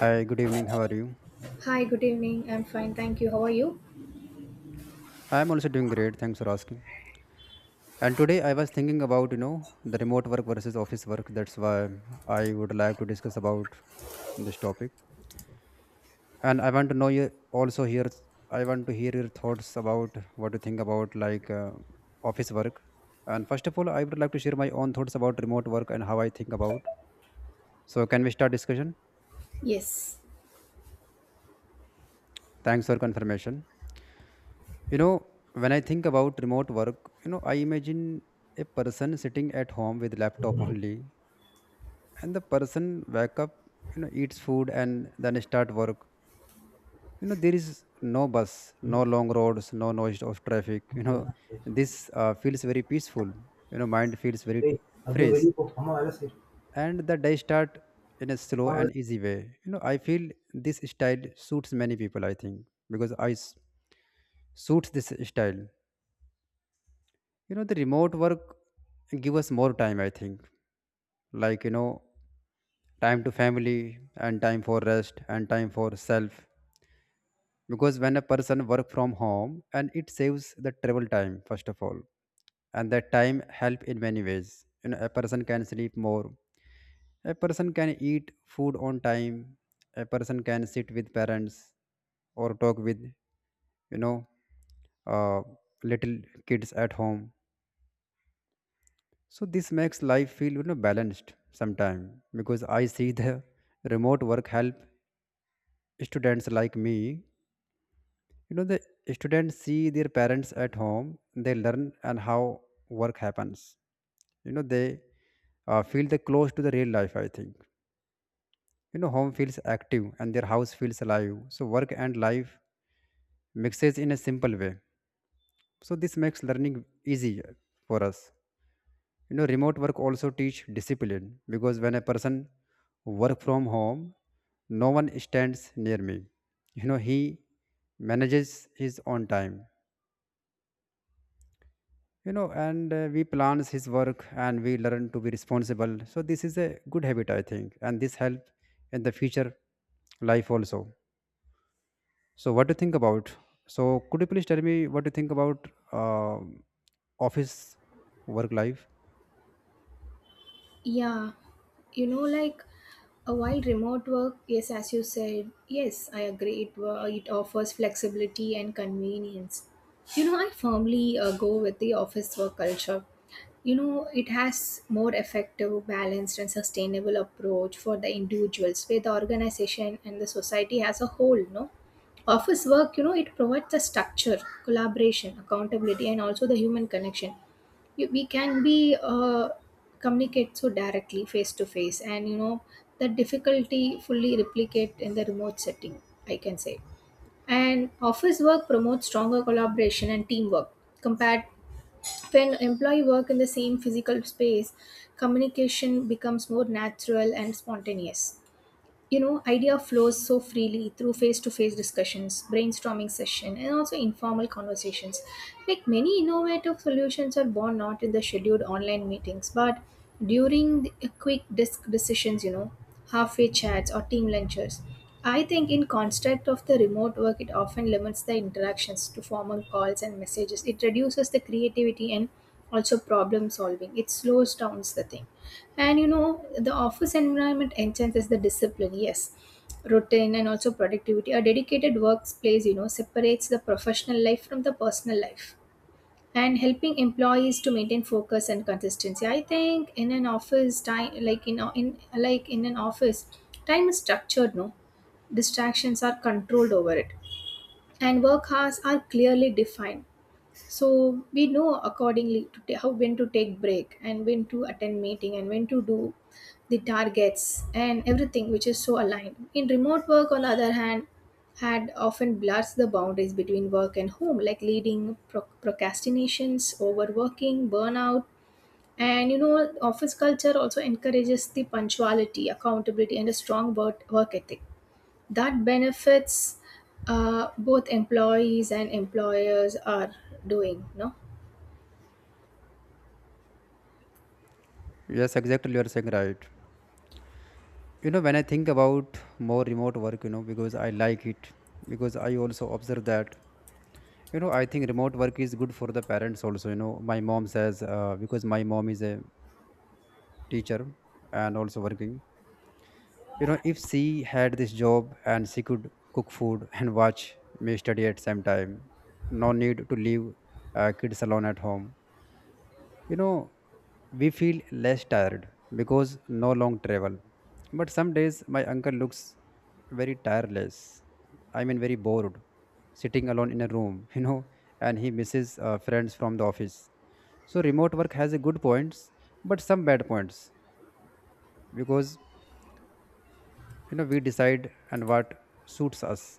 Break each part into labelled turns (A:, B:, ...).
A: Hi, good evening. How are you?
B: Hi, good evening. I'm fine, thank you. How are you?
A: I'm also doing great. Thanks for asking. And today I was thinking about, you know, the remote work versus office work. That's why I would like to discuss about this topic. And I want to know you also. Here, I want to hear your thoughts about what you think about, like, office work. And first of all, I would like to share my own thoughts about remote work and how I think about. So can we start discussion?
B: Yes.
A: Thanks for confirmation. You know, when I think about remote work, I imagine a person sitting at home with laptop only, and the person wake up, eats food and then start work. You know, there is no bus, no long roads, no noise of traffic. You know, this feels very peaceful. You know, mind feels very
B: ಏಯ್ ಅದು
A: fresh,
B: very ಅಮ್ಮ ಎಲ್ಲ ಸೇರಿ
A: and the day start in a slow
B: ಅಮ್ಮ
A: and easy way. You know, I feel this style suits many people. I think because suits this style. You know, the remote work give us more time, I think. Like, you know, time to family and time for rest and time for self. Because when a person work from home and it saves the travel time, first of all. And that time help in many ways. You know, a person can sleep more. A person can eat food on time. A person can sit with parents or talk with, you know, uh, little kids at home. So this makes life feel, you know, balanced sometime, because I see the remote work help students like me. You know, the students see their parents at home, they learn and how work happens. You know, they feel the close to the real life. I think, you know, home feels active and their house feels alive. So work and life mixes in a simple way. So this makes learning easy for us. You know, remote work also teach discipline, because when a person work from home, no one stands near me. You know, he manages his own time, you know, and we plans his work, and we learn to be responsible. So this is a good habit, I think, and this help in the future life also. So what do you think about? So could you please tell me what you think about um office work life?
B: Yeah. You know, like while remote work, yes, as you said, yes, I agree. It offers flexibility and convenience. You know, I firmly go with the office work culture. You know, it has more effective, balanced, and sustainable approach for the individuals, where the organization and the society as a whole. No, office work, you know, it provides the structure, collaboration, accountability, and also the human connection we can be uh, communicate so directly face to face, and you know the difficulty fully replicate in the remote setting, I can say. And office work promotes stronger collaboration and teamwork compared when employee work in the same physical space. Communication becomes more natural and spontaneous. You know, idea flows so freely through face-to-face discussions, brainstorming session, and also informal conversations. Like, many innovative solutions are born not in the scheduled online meetings, but during the quick disc decisions, you know, halfway chats or team lunches. I think in construct of the remote work, it often limits the interactions to formal calls and messages. It reduces the creativity and also problem solving. It slows down the thing. And you know, the office environment enhances the discipline, yes, routine and also productivity. A dedicated workplace, you know, separates the professional life from the personal life and helping employees to maintain focus and consistency. I think in an office time, like in an office, time is structured, no? Distractions are controlled over it, and work hours are clearly defined, so we know accordingly to how when to take break, and when to attend meeting, and when to do the targets and everything, which is so aligned. In remote work, on the other hand, had often blurs the boundaries between work and home, like leading procrastinations, overworking, burnout. And you know, office culture also encourages the punctuality, accountability, and a strong work ethic that benefits both employees and employers are doing, no?
A: Yes, exactly, you are saying right. You know, when I think about more remote work, you know, because I like it, because I also observe that, you know, I think remote work is good for the parents also. You know, my mom says, because my mom is a teacher and also working, you know, if she had this job, and she could cook food and watch me study at same time. No need to leave kids alone at home. You know, we feel less tired because no long travel. But some days my uncle looks very tireless. I mean, very bored, sitting alone in a room, you know, and he misses friends from the office. So remote work has a good points, but some bad points, because, you know, we decide and what suits us,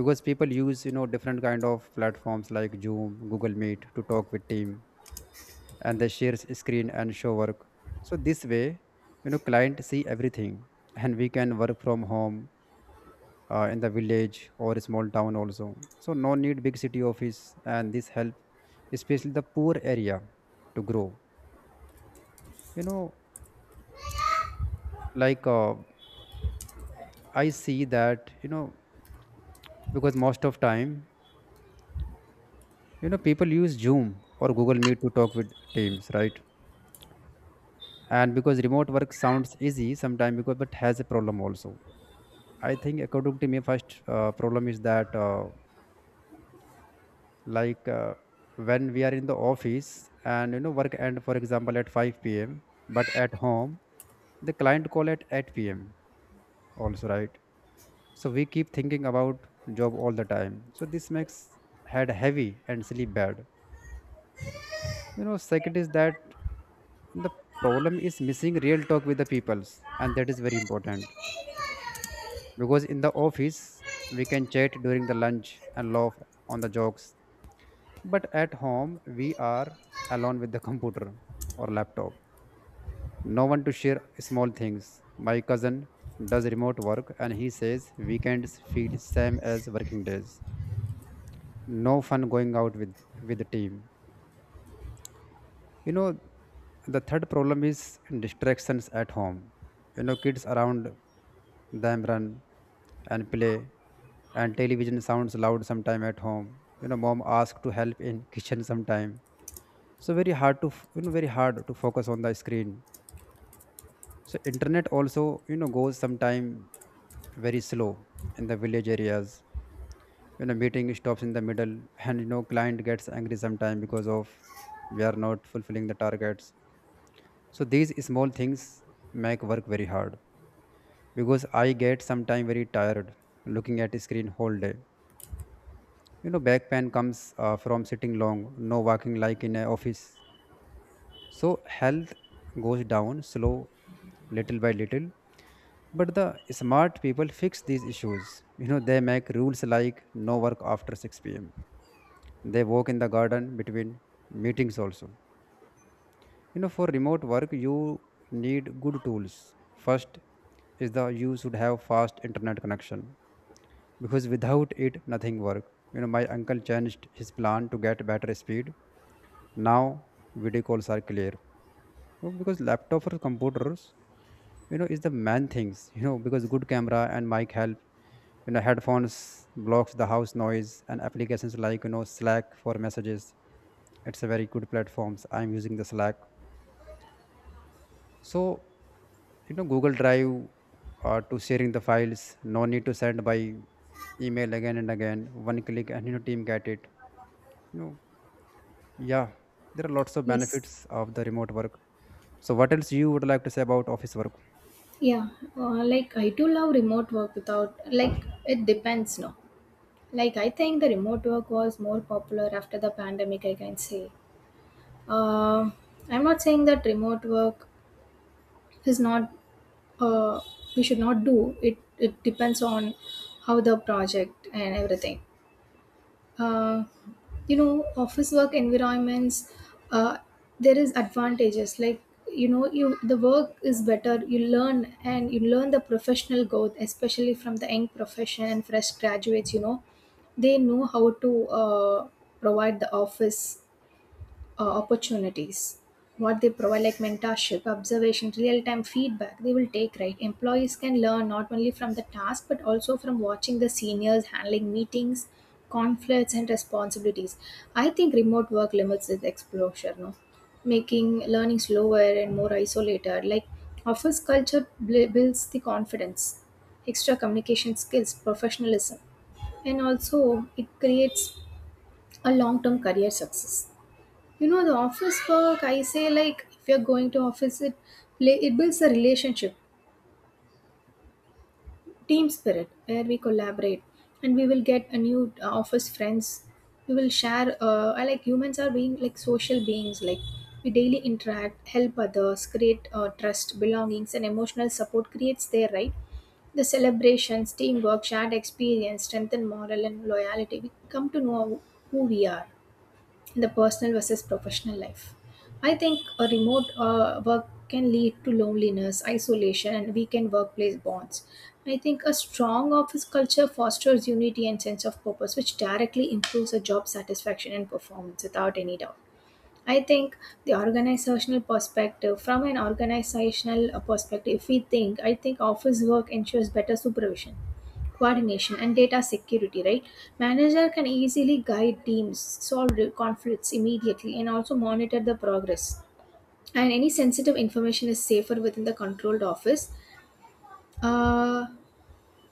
A: because people use, you know, different kind of platforms like Zoom, Google Meet, to talk with team, and they share screen and show work. So this way, you know, client see everything, and we can work from home in the village or small town also. So no need big city office, and this help especially the poor area to grow. You know, like, I see that, you know, because most of time, you know, people use Zoom or Google Meet to talk with teams, right? And because remote work sounds easy sometimes, because but has a problem also. I think, according to me, first problem is that, like, when we are in the office and, you know, work end for example at 5 p.m., but at home the client call at 8 p.m. also, right. So we keep thinking about job all the time. So this makes head heavy and sleep bad. You know, second is that the problem is missing real talk with the peoples, and that is very important, because in the office we can chat during the lunch and laugh on the jokes. But at home, we are alone with the computer or laptop. No one to share small things. My cousin does remote work, and he says weekends feel same as working days. No fun going out with, the team. You know, the third problem is distractions at home. You know, kids around them run and play, and television sounds loud sometime at home. You know, mom asks to help in kitchen sometime, so very hard to you know, very hard to focus on the screen. So internet also, you know, goes sometime very slow in the village areas. You know, meeting stops in the middle, and, you know, client gets angry sometime because of we are not fulfilling the targets. So these small things make work very hard. Because I get sometime very tired looking at a screen whole day. You know, back pain comes from sitting long, no walking like in an office. So health goes down slow, little by little. But the smart people fix these issues. You know, they make rules like no work after 6 pm. They walk in the garden between meetings also. You know, for remote work, you need good tools. First is the you should have fast internet connection, because without it nothing work. You know, my uncle changed his plan to get better speed. Now video calls are clear. Oh, because laptop or computers, you know, is the main things. You know, because good camera and mic help. You know, headphones blocks the house noise, and applications like, you know, Slack for messages. It's a very good platforms, I'm using the Slack. So, you know, Google Drive to sharing the files, no need to send by email again and again, one click and your team get it. You know, yeah, there are lots of
B: Yes.
A: benefits of the remote work. So, what else you would like to say about office work?
B: Yeah. Like, I do love remote work without, like, it depends, no. Like, I think the remote work was more popular after the pandemic, I can say. Uh, I'm not saying that remote work is not, uh, we should not do it. It depends on how the project and everything. uh, you know, office work environments, uh, there is advantages like, you know, you the work is better, you learn, and you learn the professional growth, especially from the young profession and fresh graduates. You know, they know how to provide the office opportunities. What they provide, like mentorship, observation, real-time feedback, they will take, right? Employees can learn not only from the task, but also from watching the seniors handling meetings, conflicts, and responsibilities. I think remote work limits this exposure, no, making learning slower and more isolated. Like, office culture builds the confidence, extra communication skills, professionalism, and also it creates a long-term career success. You know, the office work, I say, like if you're going to office, it play, it builds a relationship, team spirit, where we collaborate and we will get a new office friends. We will share, I like humans are being like social beings. Like, we daily interact, help others, create trust, belongings, and emotional support creates there, right? The celebrations, teamwork, shared experience strengthen moral and loyalty. We come to know who we are in the personal versus professional life. I think a remote work can lead to loneliness, isolation, and weakened workplace bonds. I think a strong office culture fosters unity and sense of purpose, which directly improves a job satisfaction and performance without any doubt. I think from an organizational perspective, if we think, I think office work ensures better supervision, coordination, and data security, right? Manager can easily guide teams, solve conflicts immediately, and also monitor the progress. And any sensitive information is safer within the controlled office. Uh,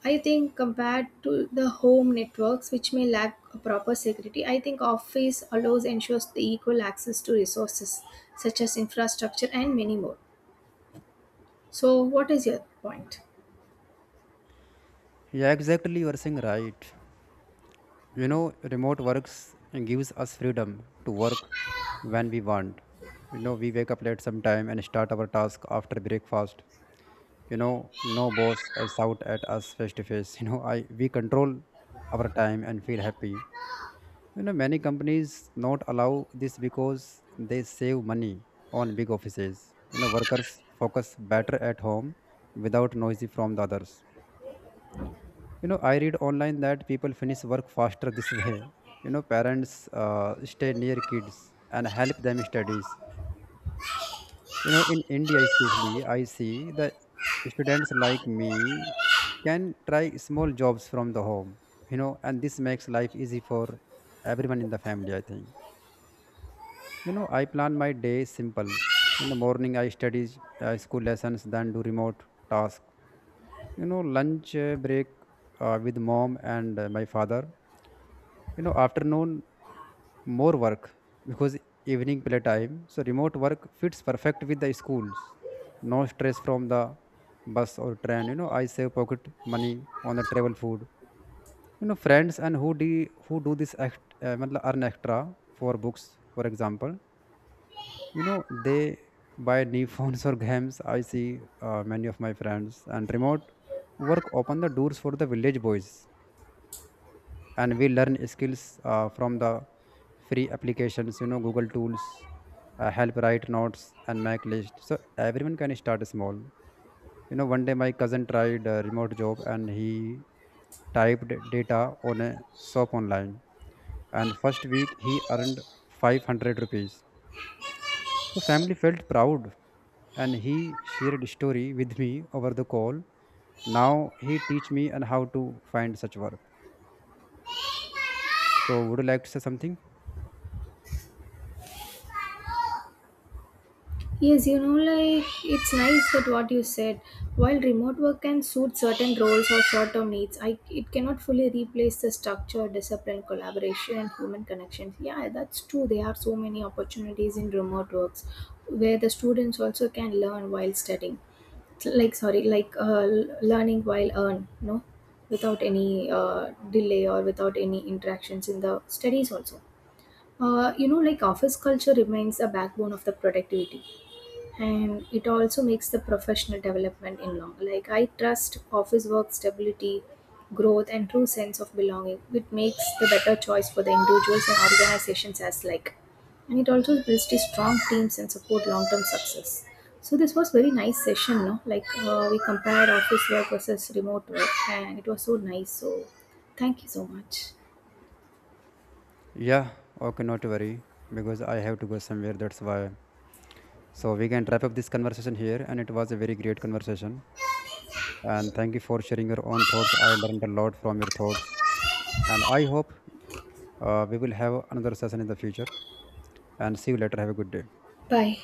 B: I think compared to the home networks, which may lack a proper security, I think Office allows ensures the equal access to resources such as infrastructure and many more. So, what is your point?
A: Yeah, exactly, you are saying right. You know, remote works gives us freedom to work when we want. You know, we wake up late sometime and start our task after breakfast. You know, no boss shout at us face to face. You know, I we control our time and feel happy. You know, many companies not allow this because they save money on big offices. You know, workers focus better at home without noisy from the others. You know, I read online that people finish work faster this way. You know, parents stay near kids and help them studies. You know, in India especially I see that students like me can try small jobs from the home, you know, and this makes life easy for everyone in the family, I think. You know, I plan my day simple. In the morning I study school lessons, then do remote task. You know, lunch break with mom and my father. You know, afternoon more work, because evening playtime. So remote work fits perfect with the schools. No stress from the bus or train. You know, I save pocket money on the travel food. You know, friends and who do this act, matlab, earn extra for books, for example. You know, they buy new phones or games, I see. Many of my friends, and remote work open the doors for the village boys, and we learn skills from the free applications. You know, Google tools help write notes and make list, so everyone can start small. You know, one day my cousin tried a remote job, and he typed data on a shop online, and first week he earned 500 rupees. So family felt proud, and he shared story with me over the call. Now he teach me and how to find such work. So would you like to say something?
B: Yes, you know, like it's nice that what you said. While remote work can suit certain roles or short-term needs, I it cannot fully replace the structure, discipline, collaboration, and human connection. Yeah, that's true. There are so many opportunities in remote works where the students also can learn while studying. Like, sorry, like learning while earn, no, without any delay or without any interactions in the studies also. You know, like office culture remains a backbone of the productivity, and it also makes the professional development in long. Like, I trust office work stability, growth, and true sense of belonging, which makes the better choice for the individuals and organizations as like. And it also builds the strong teams and support long-term success. So this was very nice session, no? Like, we compared office work versus remote work, and it was so nice. So thank you so much.
A: Yeah, okay, not to worry, because I have to go somewhere. That's why. So we can wrap up this conversation here, and it was a very great conversation. And thank you for sharing your own thoughts. I learned a lot from your thoughts. And I hope we will have another session in the future. And see you later. Have a good day.
B: Bye.